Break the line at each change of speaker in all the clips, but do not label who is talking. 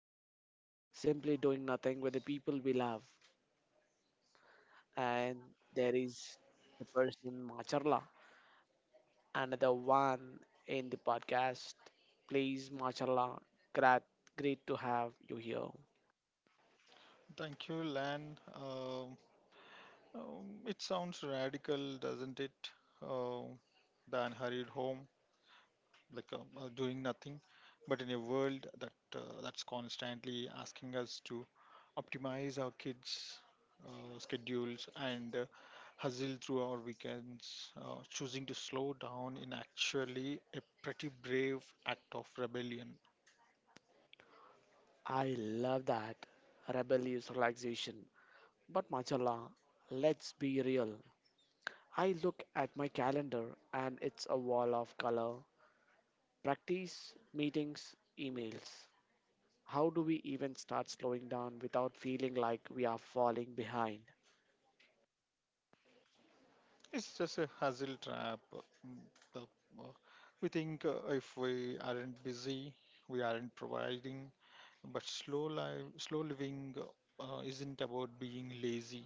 default. Simply doing nothing with the people we love. And there is the person Macharla, another one in the podcast. Please Macharla, great great to have you here.
Thank you, Lan. It sounds radical, doesn't it? Um than hurried home, like doing nothing. But in a world that that's constantly asking us to optimize our kids' schedules and hustle through our weekends, choosing to slow down in actually a pretty brave act of rebellion.
I love that. Rebellious relaxation. But Machala, let's be real. I look at my calendar and it's a wall of color. Practice, meetings, emails. How do we even start slowing down without feeling like we are falling behind?
It's just a hassle trap. Mm, the- uh, We think if we aren't busy, we aren't providing. But slow life, slow living isn't about being lazy.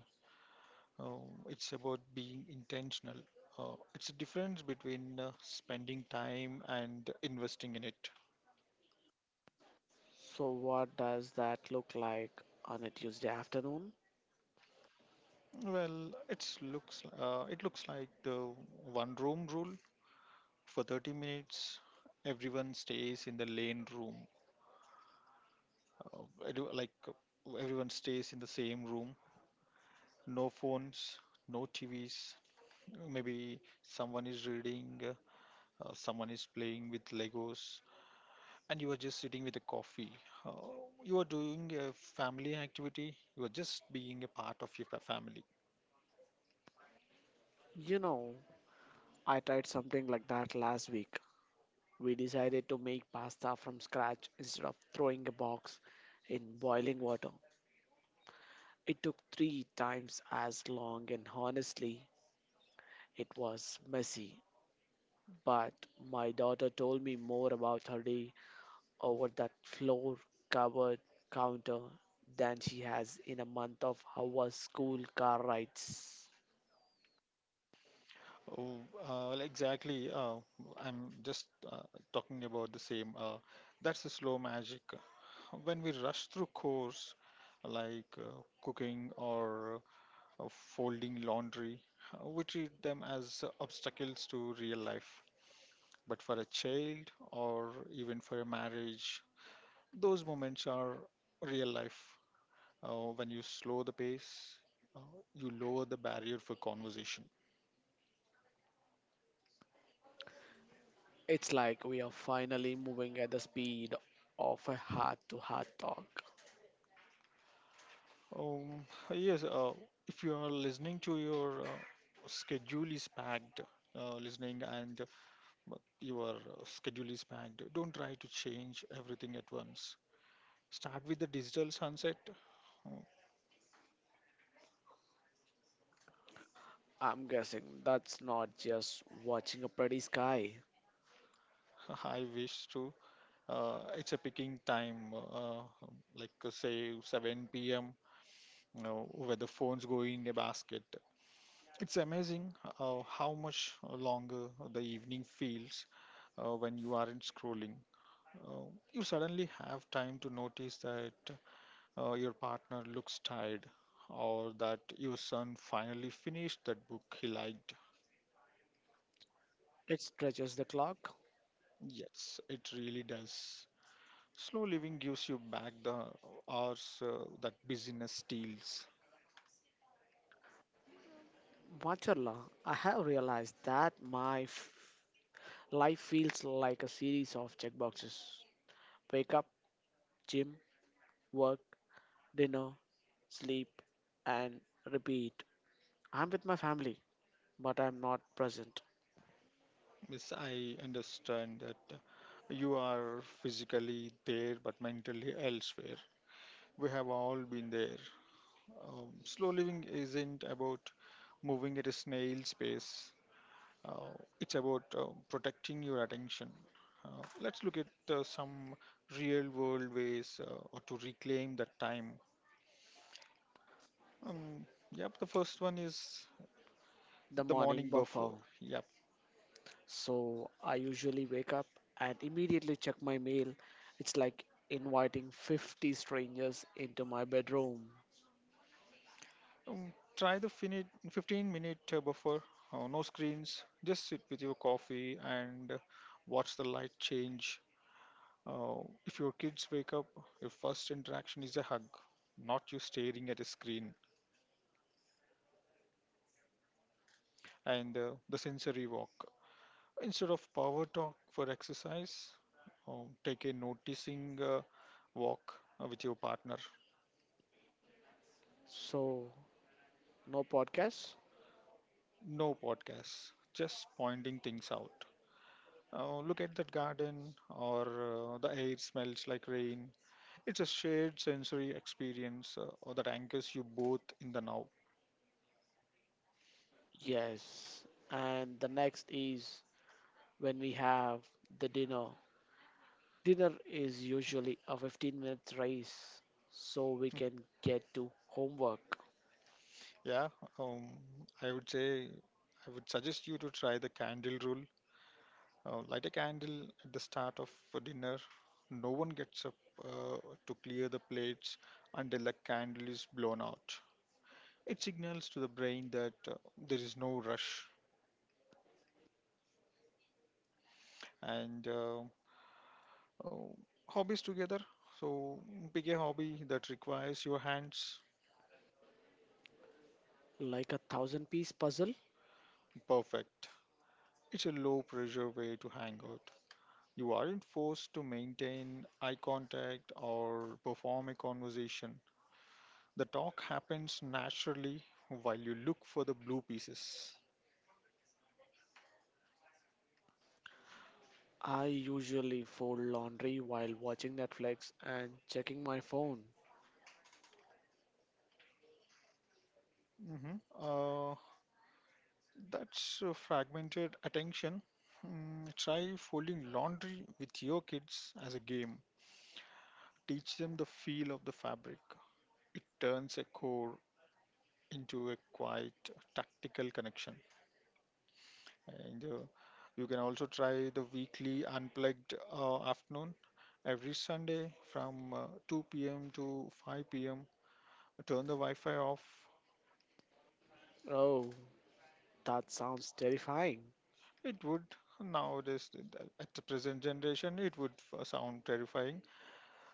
It's about being intentional. It's a difference between spending time and investing in it.
So, what does that look like on a Tuesday afternoon?
Well, it looks like the one room rule for 30 minutes. Everyone stays in the lane room. Uh, I like Everyone stays in the same room, no phones, no TVs. Maybe someone is reading, someone is playing with Legos, and you are just sitting with a coffee. You are doing a family activity. You are just being a part of your family.
You know, I tried something like that last week. We decided to make pasta from scratch instead of throwing a box in boiling water. It took three times as long, and honestly, it was messy. But my daughter told me more about her day over that floor covered counter than she has in a month of our school car rides.
Oh, well, exactly. I'm just talking about the same. That's the slow magic. When we rush through chores like cooking or of folding laundry. We treat them as obstacles to real life. But for a child or even for a marriage, those moments are real life. When you slow the pace, uh, you lower the barrier for conversation.
It's like we are finally moving at the speed of a heart to heart talk.
Um, yes, if you are listening to your schedule is packed, listening and your schedule is packed, don't try to change everything at once. Start with the digital sunset. uh,
I'm guessing that's not just watching a pretty sky.
I wish to. It's a picking time, like say 7 p.m. You know, where the phones go in a basket. It's amazing how much longer the evening feels when you aren't scrolling. Uh, you suddenly have time to notice that your partner looks tired, or that your son finally finished that book he liked.
It stretches the clock.
Yes, it really does. Slow living gives you back the hours that busyness steals.
Mashallah, I have realized that my life feels like a series of checkboxes. Wake up, gym, work, dinner, sleep, and repeat. I'm with my family, but I'm not present.
Yes, I understand that you are physically there but mentally elsewhere. We have all been there. Slow living isn't about moving at a snail's pace, uh, it's about protecting your attention. Let's look at some real world ways or to reclaim that time. Um, yep, the first one is
The
the
morning
morning
buffer.
buffer. Yep,
So I usually wake up and immediately check my mail. It's like inviting 50 strangers into my bedroom.
Try the 15 minute buffer, no screens, just sit with your coffee and watch the light change. Uh, if your kids wake up, your first interaction is a hug, not you staring at a screen, and the sensory walk. Instead of power talk for exercise, take a noticing walk with your partner.
So, no podcast?
No podcasts, just pointing things out. Look at that garden, or the air smells like rain. It's a shared sensory experience or that anchors you both in the now.
Yes. And the next is when we have the dinner. Dinner is usually a 15-minute race so we can get to homework.
Yeah, um, I would say I would suggest you to try the candle rule. Light a candle at the start of a dinner. No one gets up uh, to clear the plates until the candle is blown out. It signals to the brain that there is no rush. And uh, hobbies together. So pick a hobby that requires your hands.
Like a 1,000 piece puzzle.
Perfect. It's a low pressure way to hang out. You aren't forced to maintain eye contact or perform a conversation. The talk happens naturally while you look for the blue pieces.
I usually fold laundry while watching Netflix and checking my phone.
hmm Uh, that's fragmented attention. Try folding laundry with your kids as a game. Teach them the feel of the fabric. It turns a core into a quite tactical connection. And you can also try the weekly unplugged afternoon every Sunday from 2 p.m. to 5 p.m. Turn the Wi Fi off.
Oh, that sounds terrifying.
It would nowadays, at the present generation, it would sound terrifying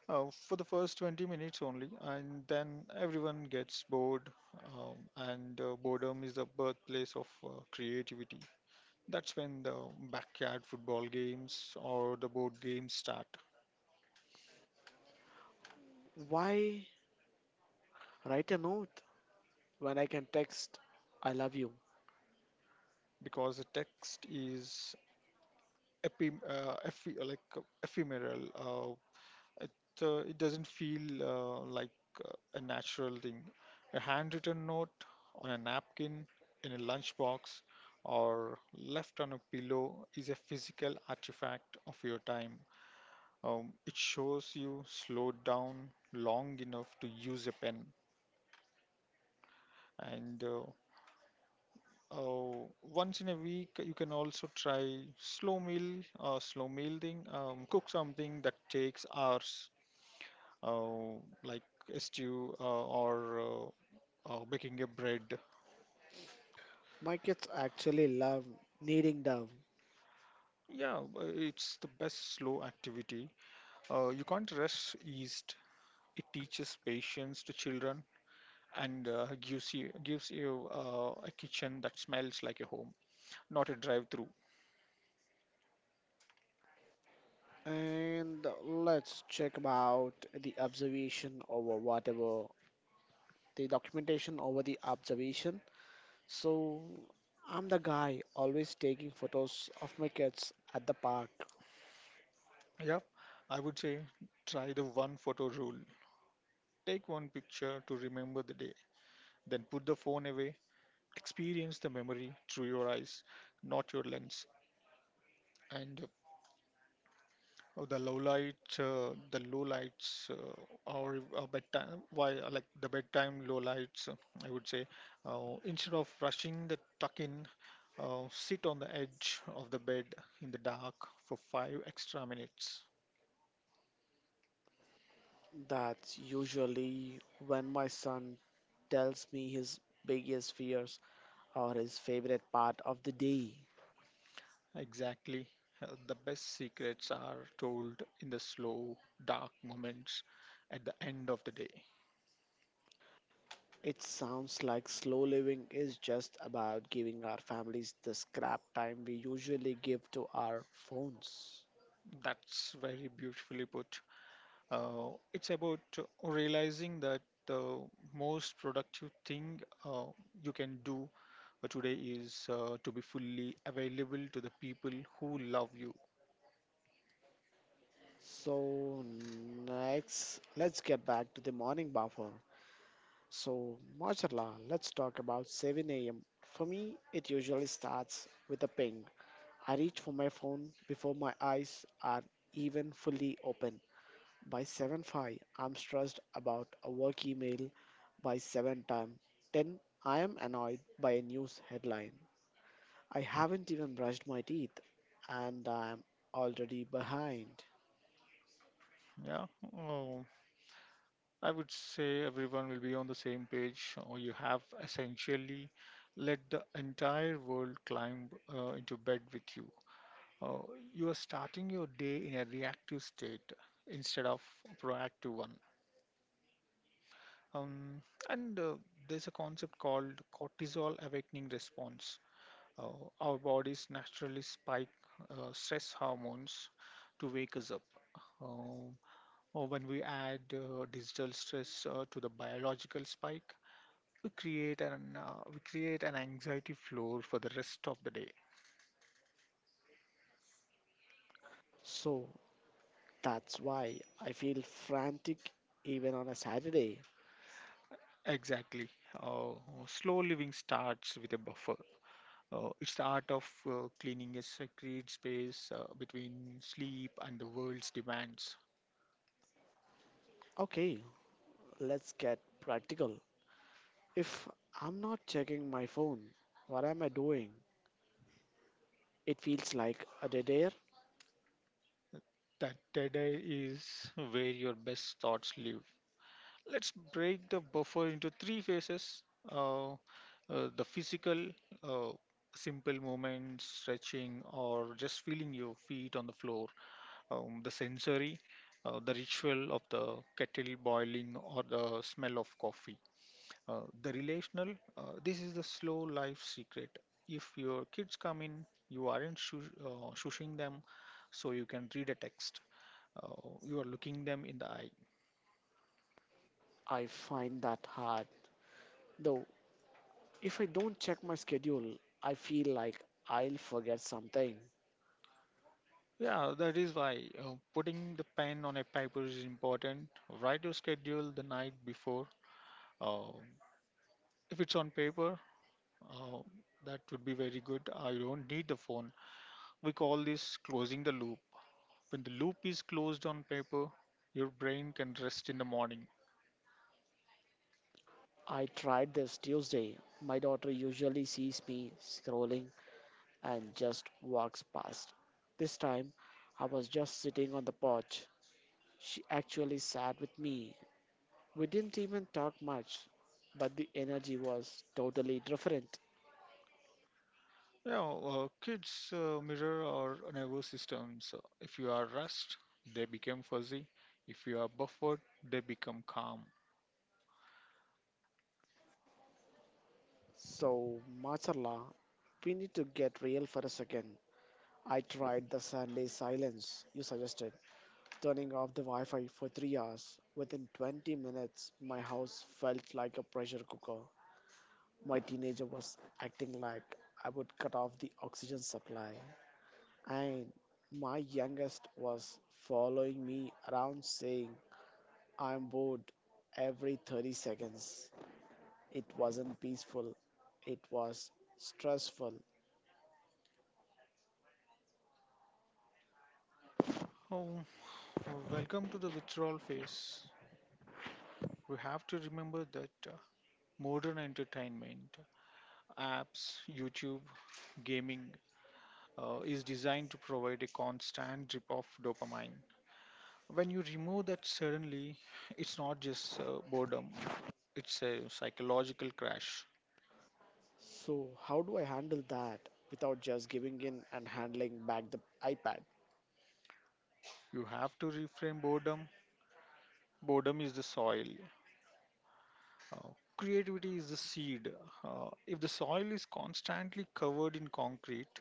for the first 20 minutes only, and then everyone gets bored, um, and boredom is the birthplace of creativity. That's when the backyard football games or the board games start.
Why write a note when I can text, I love you?
Because the text is epi, ephe, like ephemeral. It doesn't feel like a natural thing. A handwritten note on a napkin in a lunchbox or left on a pillow is a physical artifact of your time. It shows you slowed down long enough to use a pen. And Oh, once in a week, you can also try slow meal or slow meal thing. Cook something that takes hours, uh, like a stew or baking a bread.
My kids actually love kneading down.
Yeah, it's the best slow activity. You can't rush yeast. It teaches patience to children and gives you a kitchen that smells like a home, not a drive-through.
And let's check about the observation over whatever, the documentation over the observation. So I'm the guy always taking photos of my kids at the park.
Yeah, I would say try the one photo rule. Take one picture to remember the day, then put the phone away. Experience the memory through your eyes, not your lens. And the low light, The low lights, or bedtime, why like the bedtime low lights, I would say, instead of rushing the tuck in, sit on the edge of the bed in the dark for five extra minutes.
That's usually when my son tells me his biggest fears or his favorite part of the day.
Exactly. The best secrets are told in the slow, dark moments at the end of the day.
It sounds like slow living is just about giving our families the scrap time we usually give to our phones.
That's very beautifully put. It's about realizing that the most productive thing you can do today is to be fully available to the people who love you.
So next, let's get back to the morning buffer. So, mashallah, let's talk about 7 a.m. For me, it usually starts with a ping. I reach for my phone before my eyes are even fully open. By 7:05, I'm stressed about a work email. By 7 time 10, I am annoyed by a news headline. I haven't even brushed my teeth and I'm already behind.
Yeah. Oh, I would say everyone will be on the same page, or you have essentially let the entire world climb into bed with you. Uh, you are starting your day in a reactive state instead of a proactive one. Um, and There's a concept called cortisol awakening response. Uh, our bodies naturally spike stress hormones to wake us up. Um, or when we add digital stress to the biological spike, we create an anxiety floor for the rest of the day.
So, that's why I feel frantic even on a Saturday.
Exactly. uh, Slow living starts with a buffer. It's the art of cleaning a sacred space between sleep and the world's demands.
Okay, let's get practical. If I'm not checking my phone, what am I doing? It feels like a dead air.
That dead air is where your best thoughts live. Let's break the buffer into three phases. uh, the physical, uh, simple movements stretching or just feeling your feet on the floor. The sensory, the ritual of the kettle boiling, or the smell of coffee. The relational, this is the slow life secret. If your kids come in, you aren't shushing them so you can read a text. Uh, you are looking them in the eye.
I find that hard. Though, if I don't check my schedule, I feel like I'll forget something.
Yeah, that is why putting the pen on a paper is important. Write your schedule the night before. Uh, if it's on paper, uh, that would be very good. I don't need the phone. We call this closing the loop. When the loop is closed on paper, your brain can rest in the morning.
I tried this Tuesday. My daughter usually sees me scrolling and just walks past. This time, I was just sitting on the porch. She actually sat with me. We didn't even talk much, but the energy was totally different.
Yeah, kids mirror our nervous systems. If you are rushed, they become fuzzy. If you are buffered, they become calm.
So, mashallah, we need to get real for a second. I tried the Sunday silence you suggested, turning off the Wi Fi for 3 hours. Within 20 minutes, my house felt like a pressure cooker. My teenager was acting like I would cut off the oxygen supply. And my youngest was following me around saying, I'm bored every 30 seconds. It wasn't peaceful, it was stressful.
Oh, welcome to the withdrawal phase. We have to remember that modern entertainment, apps, YouTube, gaming, is designed to provide a constant drip of dopamine. When you remove that suddenly, it's not just boredom, it's a psychological crash.
So, how do I handle that without just giving in and handling back the iPad?
You have to reframe boredom. Boredom is the soil, uh, creativity is the seed. If the soil is constantly covered in concrete,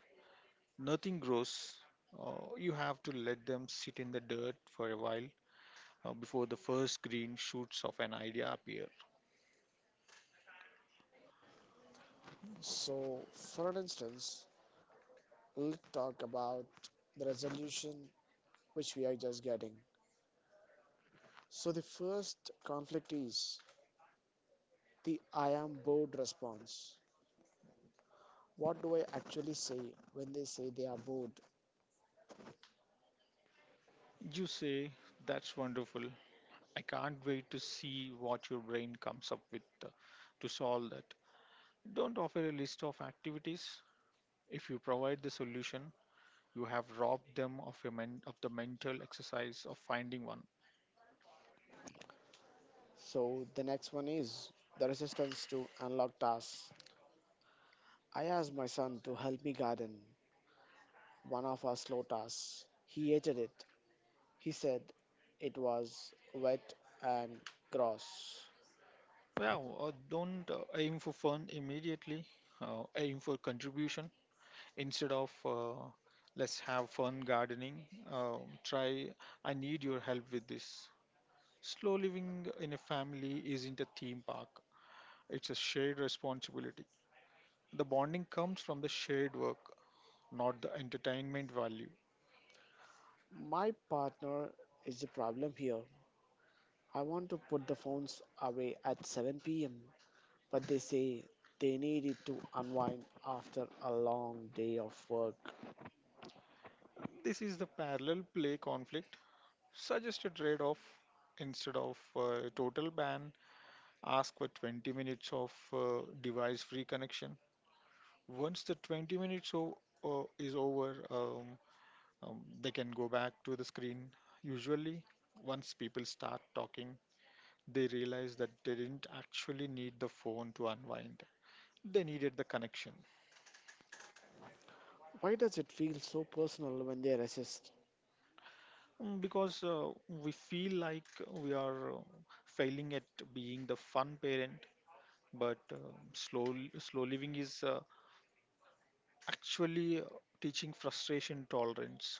nothing grows. Uh, you have to let them sit in the dirt for a while before the first green shoots of an idea appear.
So, for an instance, let's talk about the resolution which we are just getting. So, the first conflict is the I am bored response. What do I actually say when they say they are bored?
You say, that's wonderful. I can't wait to see what your brain comes up with to solve that. Don't offer a list of activities. If you provide the solution, you have robbed them of of the mental exercise of finding one.
So, the next one is the resistance to unlock tasks. I asked my son to help me garden, one of our slow tasks. He hated it. He said it was wet and gross.
Yeah, don't aim for fun immediately. Aim for contribution instead of let's have fun gardening. Uh, Try I need your help with this. Slow living in a family isn't a theme park. It's a shared responsibility. The bonding comes from the shared work, not the entertainment value.
My partner is the problem here. I want to put the phones away at 7 p.m., but they say they need it to unwind after a long day of work.
This is the parallel play conflict. Suggest a trade off instead of a total ban. Ask for 20 minutes of device free connection. Once the 20 minutes is over, they can go back to the screen. Usually, once people start talking, they realize that they didn't actually need the phone to unwind, they needed the connection.
Why does it feel so personal when they resist?
Because we feel like we are failing at being the fun parent, but slow slow living is actually teaching frustration tolerance.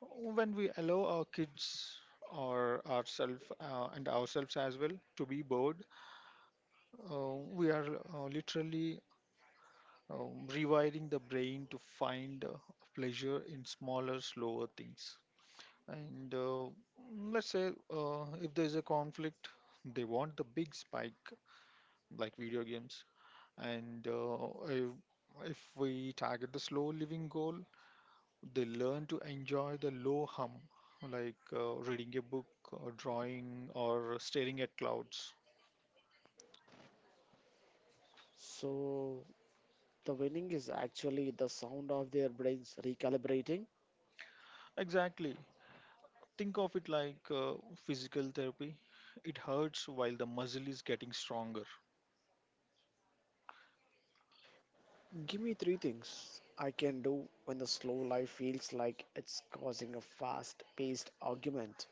When we allow our kids or ourselves and ourselves as well to be bored, uh, we are literally rewiring the brain to find pleasure in smaller, slower things. And Let's say if there is a conflict, they want the big spike like video games. And if, if we target the slow living goal, they learn to enjoy the low hum, like reading a book, or drawing, or staring at clouds.
So, the winning is actually the sound of their brains recalibrating.
Exactly. Think of it like physical therapy. It hurts while the muscle is getting stronger.
Give me three things I can do when the slow life feels like it's causing a fast paced argument.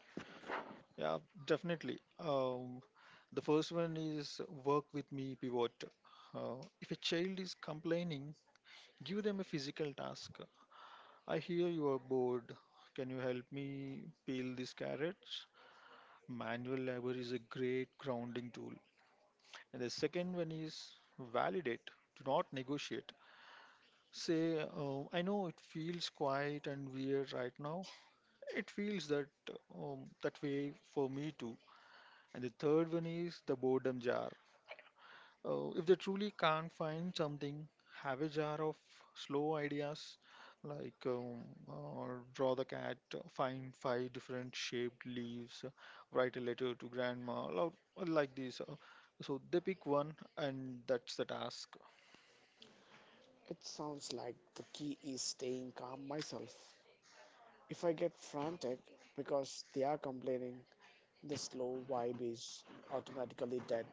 Yeah, definitely. The first one is work with me pivot. Uh, if a child is complaining, give them a physical task. I hear you are bored. Can you help me peel these carrots? Manual labor is a great grounding tool. And the second one is validate. Do not negotiate. Say, I know it feels quiet and weird right now. It feels that way for me too. And the third one is the boredom jar. If they truly can't find something, have a jar of slow ideas like draw the cat, find five different shaped leaves, write a letter to grandma, lo- like this. So they pick one, and that's the task.
It sounds like the key is staying calm myself. If I get frantic because they are complaining, the slow vibe is automatically dead.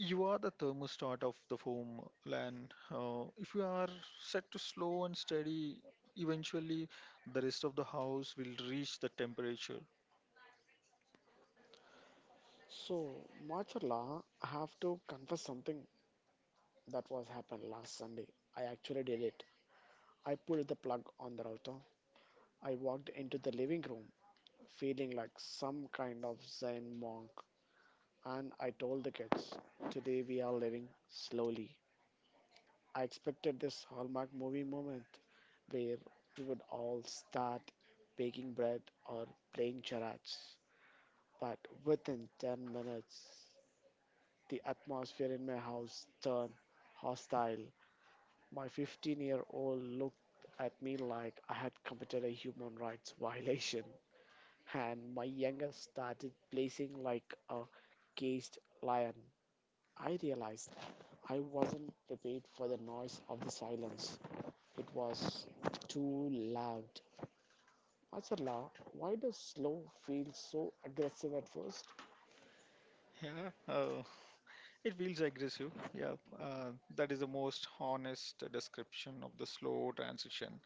You are the thermostat of the home, and if you are set to slow and steady, eventually the rest of the house will reach the temperature.
So, Machala, I have to confess something that was happened last Sunday. I actually did it. I pulled the plug on the router. I walked into the living room feeling like some kind of Zen monk. And I told the kids, today we are living slowly. I expected this Hallmark movie moment where we would all start baking bread or playing charades. But within 10 minutes, the atmosphere in my house turned hostile. My 15-year-old looked at me like I had committed a human rights violation, and my youngest started blazing like a caged lion. I realized I wasn't prepared for the noise of the silence. It was too loud. Asala, why does slow feel so aggressive at first?
Yeah. uh, It feels aggressive. Yeah, that is the most honest description of the slow transition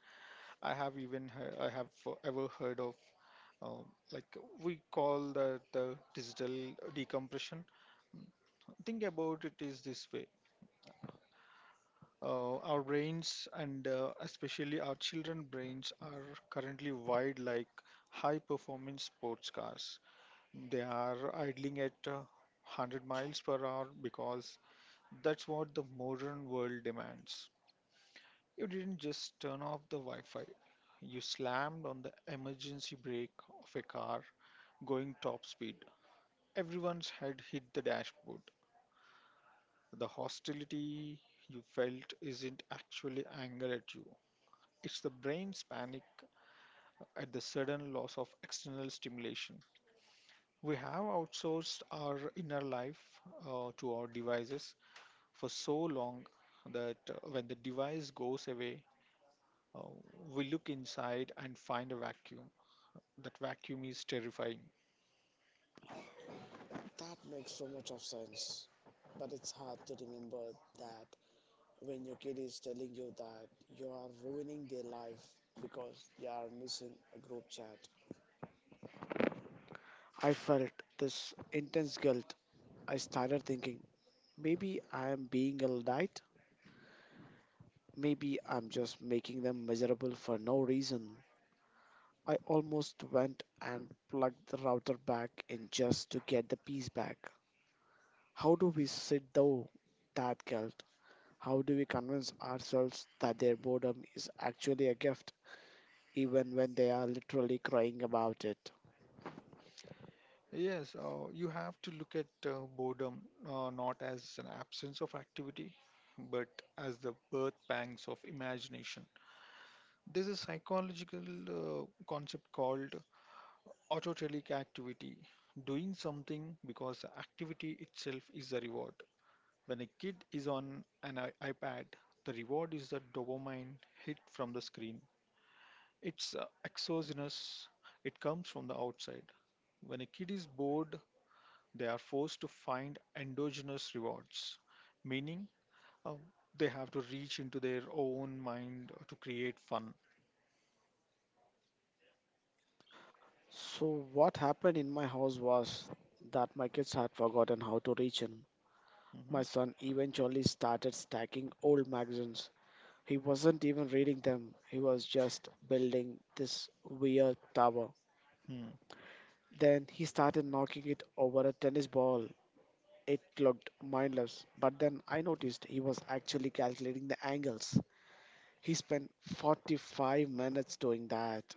I have ever heard of. Uh, like we call that the digital decompression. Think about it is this way. Our brains and especially our children brains are currently wired like high performance sports cars. They are idling at 100 miles per hour because that's what the modern world demands. You didn't just turn off the Wi Fi, you slammed on the emergency brake of a car going top speed. Everyone's head hit the dashboard. The hostility you felt isn't actually anger at you, it's the brain's panic at the sudden loss of external stimulation. We have outsourced our inner life to our devices for so long that when the device goes away, uh, we look inside and find a vacuum. That vacuum is terrifying.
That makes so much of sense. But it's hard to remember that when your kid is telling you that you are ruining their life because they are missing a group chat. I felt this intense guilt. I started thinking, maybe I am being a Maybe I'm just making them miserable for no reason. I almost went and plugged the router back in just to get the piece back. How do we sit though that guilt? How do we convince ourselves that their boredom is actually a gift, even when they are literally crying about it?
Yes, you have to look at boredom not as an absence of activity, but as the birth pangs of imagination. There's a psychological concept called autotelic activity, doing something because the activity itself is a reward. When a kid is on an iPad, the reward is the dopamine hit from the screen. It's exogenous, it comes from the outside. When a kid is bored, they are forced to find endogenous rewards, meaning uh, they have to reach into their own mind to create fun.
So, what happened in my house was that my kids had forgotten how to reach in. My
Mhm.
son eventually started stacking old magazines. He wasn't even reading them, he was just building this weird tower.
Hmm.
Then he started knocking it over a tennis ball. It looked mindless, but then I noticed he was actually calculating the angles. He spent 45 minutes doing that.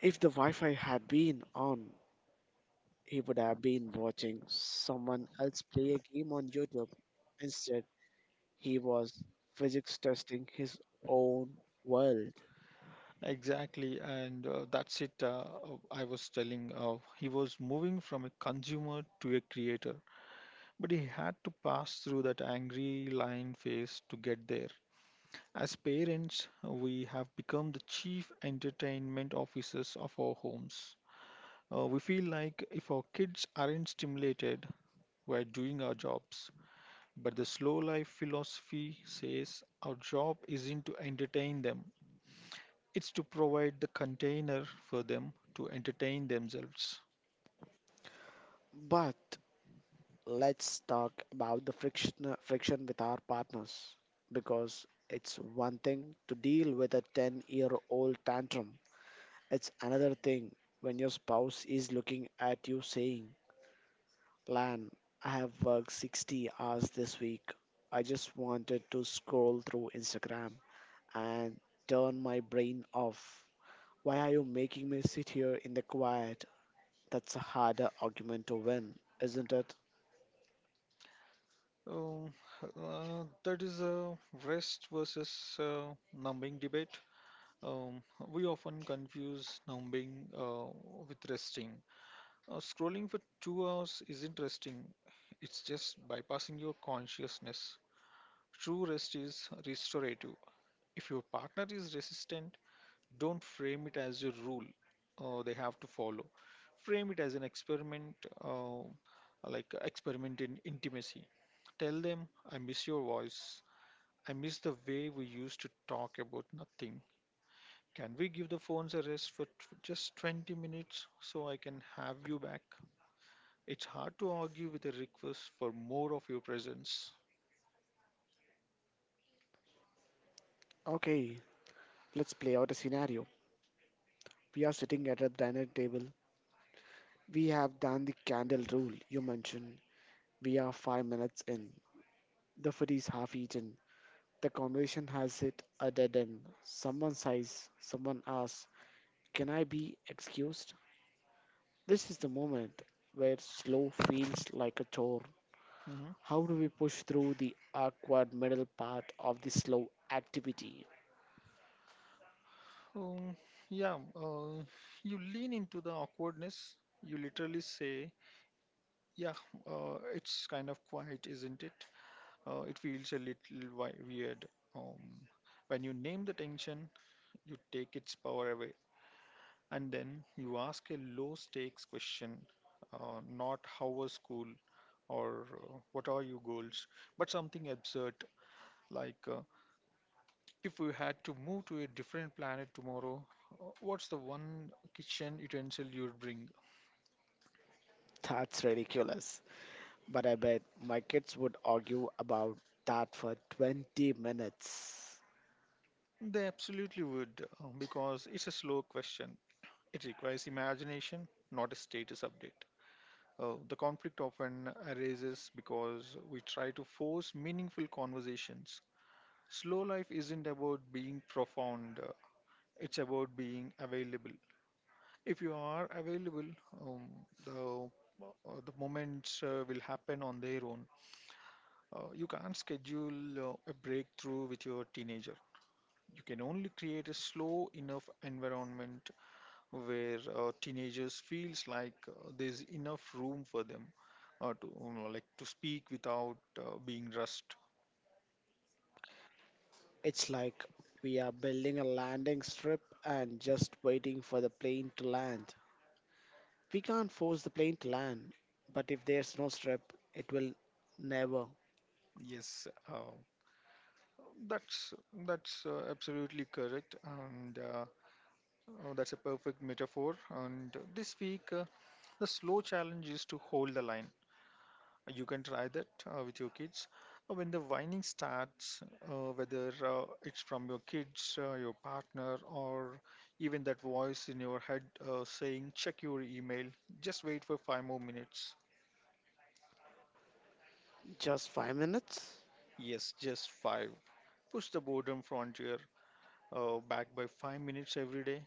If the Wi Fi had been on, he would have been watching someone else play a game on YouTube. Instead, he was physics testing his own world.
Exactly, and that's it. I was telling he was moving from a consumer to a creator, but he had to pass through that angry lion phase to get there. As parents, we have become the chief entertainment officers of our homes. We feel like if our kids aren't stimulated, we're doing our jobs. But the slow life philosophy says our job isn't to entertain them, it's to provide the container for them to entertain themselves.
But let's talk about the friction with our partners, because it's one thing to deal with a 10-year-old tantrum, it's another thing when your spouse is looking at you saying, Lan, I have worked 60 hours this week, I just wanted to scroll through Instagram and turn my brain off. Why are you making me sit here in the quiet? That's a harder argument to win, isn't it?
Um, that is a rest versus numbing debate. Um, we often confuse numbing with resting. Scrolling for 2 hours isn't resting, it's just bypassing your consciousness. True rest is restorative. If your partner is resistant, don't frame it as a rule they have to follow. Frame it as an experiment, uh, like experiment in intimacy. Tell them, I miss your voice. I miss the way we used to talk about nothing. Can we give the phones a rest for just 20 minutes so I can have you back? It's hard to argue with a request for more of your presence.
Okay, let's play out a scenario. We are sitting at a dinner table. We have done the candle rule you mentioned. We are 5 minutes in. The food is half eaten. The conversation has hit a dead end. Someone sighs. Someone asks, can I be excused? This is the moment where slow feels like a chore.
Mm-hmm.
How do we push through the awkward middle part of the slow activity?
Um, yeah, uh, you lean into the awkwardness. You literally say, "Yeah, it's kind of quiet, isn't it? It feels a little weird." Um, when you name the tension, you take its power away, and then you ask a low-stakes question, not how was school, or what are your goals, but something absurd like. If you had to move to a different planet tomorrow, what's the one kitchen utensil you'd bring?
That's ridiculous. But I bet my kids would argue about that for 20 minutes.
They absolutely would, because it's a slow question. It requires imagination, not a status update. The conflict often arises because we try to force meaningful conversations. Slow life isn't about being profound, it's about being available. If you are available, um, the, the moments will happen on their own. You can't schedule a breakthrough with your teenager. You can only create a slow enough environment where teenagers feels like there's enough room for them to to speak without being rushed.
It's like we are building a landing strip and just waiting for the plane to land. We can't force the plane to land, but if there's no strip, it will never.
Yes, that's that's absolutely correct, and that's a perfect metaphor. And this week, the slow challenge is to hold the line. You can try that with your kids. When the whining starts, whether it's from your kids, your partner, or even that voice in your head saying, check your email, just wait for five more minutes.
Just 5 minutes?
Yes, just five. Push the boredom frontier back by 5 minutes every day.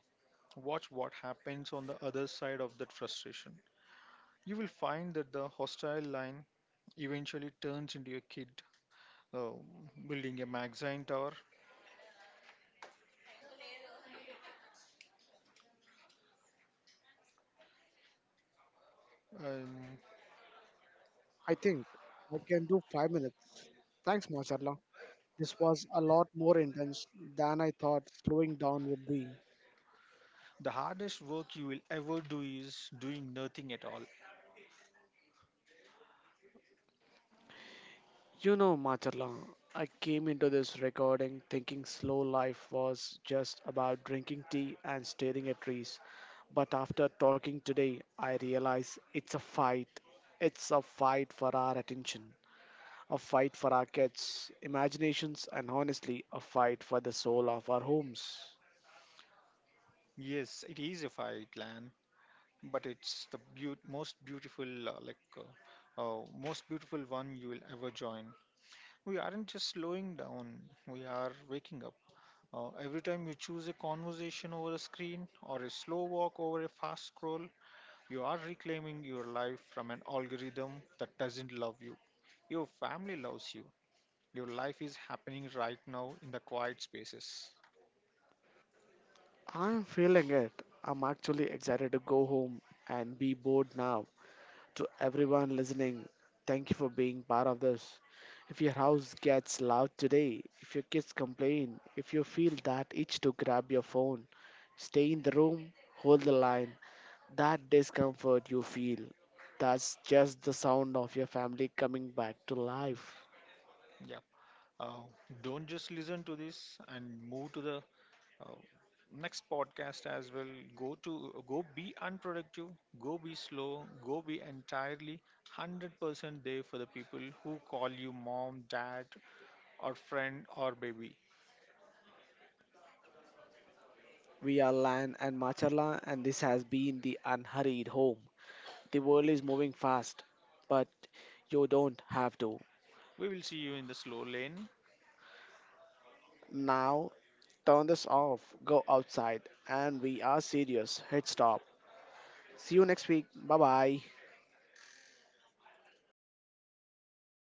Watch what happens on the other side of that frustration. You will find that the hostile line eventually turns into your kid uh, building a magazine tower. Um.
I think I can do 5 minutes. Thanks, Masarla. This was a lot more intense than I thought slowing down would be.
The hardest work you will ever do is doing nothing at all.
You know, Macharla, I came into this recording thinking slow life was just about drinking tea and staring at trees. But after talking today, I realize it's a fight. It's a fight for our attention, a fight for our kids' imaginations, and honestly, a fight for the soul of our homes.
Yes, it is a fight land, but it's the most beautiful, most beautiful one you will ever join. We aren't just slowing down, we are waking up. Every time you choose a conversation over a screen or a slow walk over a fast scroll, you are reclaiming your life from an algorithm that doesn't love you. Your family loves you. Your life is happening right now in the quiet spaces.
I'm feeling it. I'm actually excited to go home and be bored now. To everyone listening, thank you for being part of this. If your house gets loud today, if your kids complain, if you feel that itch to grab your phone, stay in the room, hold the line. That discomfort you feel, that's just the sound of your family coming back to life.
Yeah. Uh, don't just listen to this and move to the uh, next podcast as well. Go to Go be unproductive, go be slow, go be entirely 100% there for the people who call you mom, dad, or friend or baby.
We are Lan and Machala, and this has been the unhurried home. The world is moving fast, but you don't have to.
We will see you in the slow lane.
Now, turn this off, go outside, and we are serious. Hit stop. See you next week. Bye bye.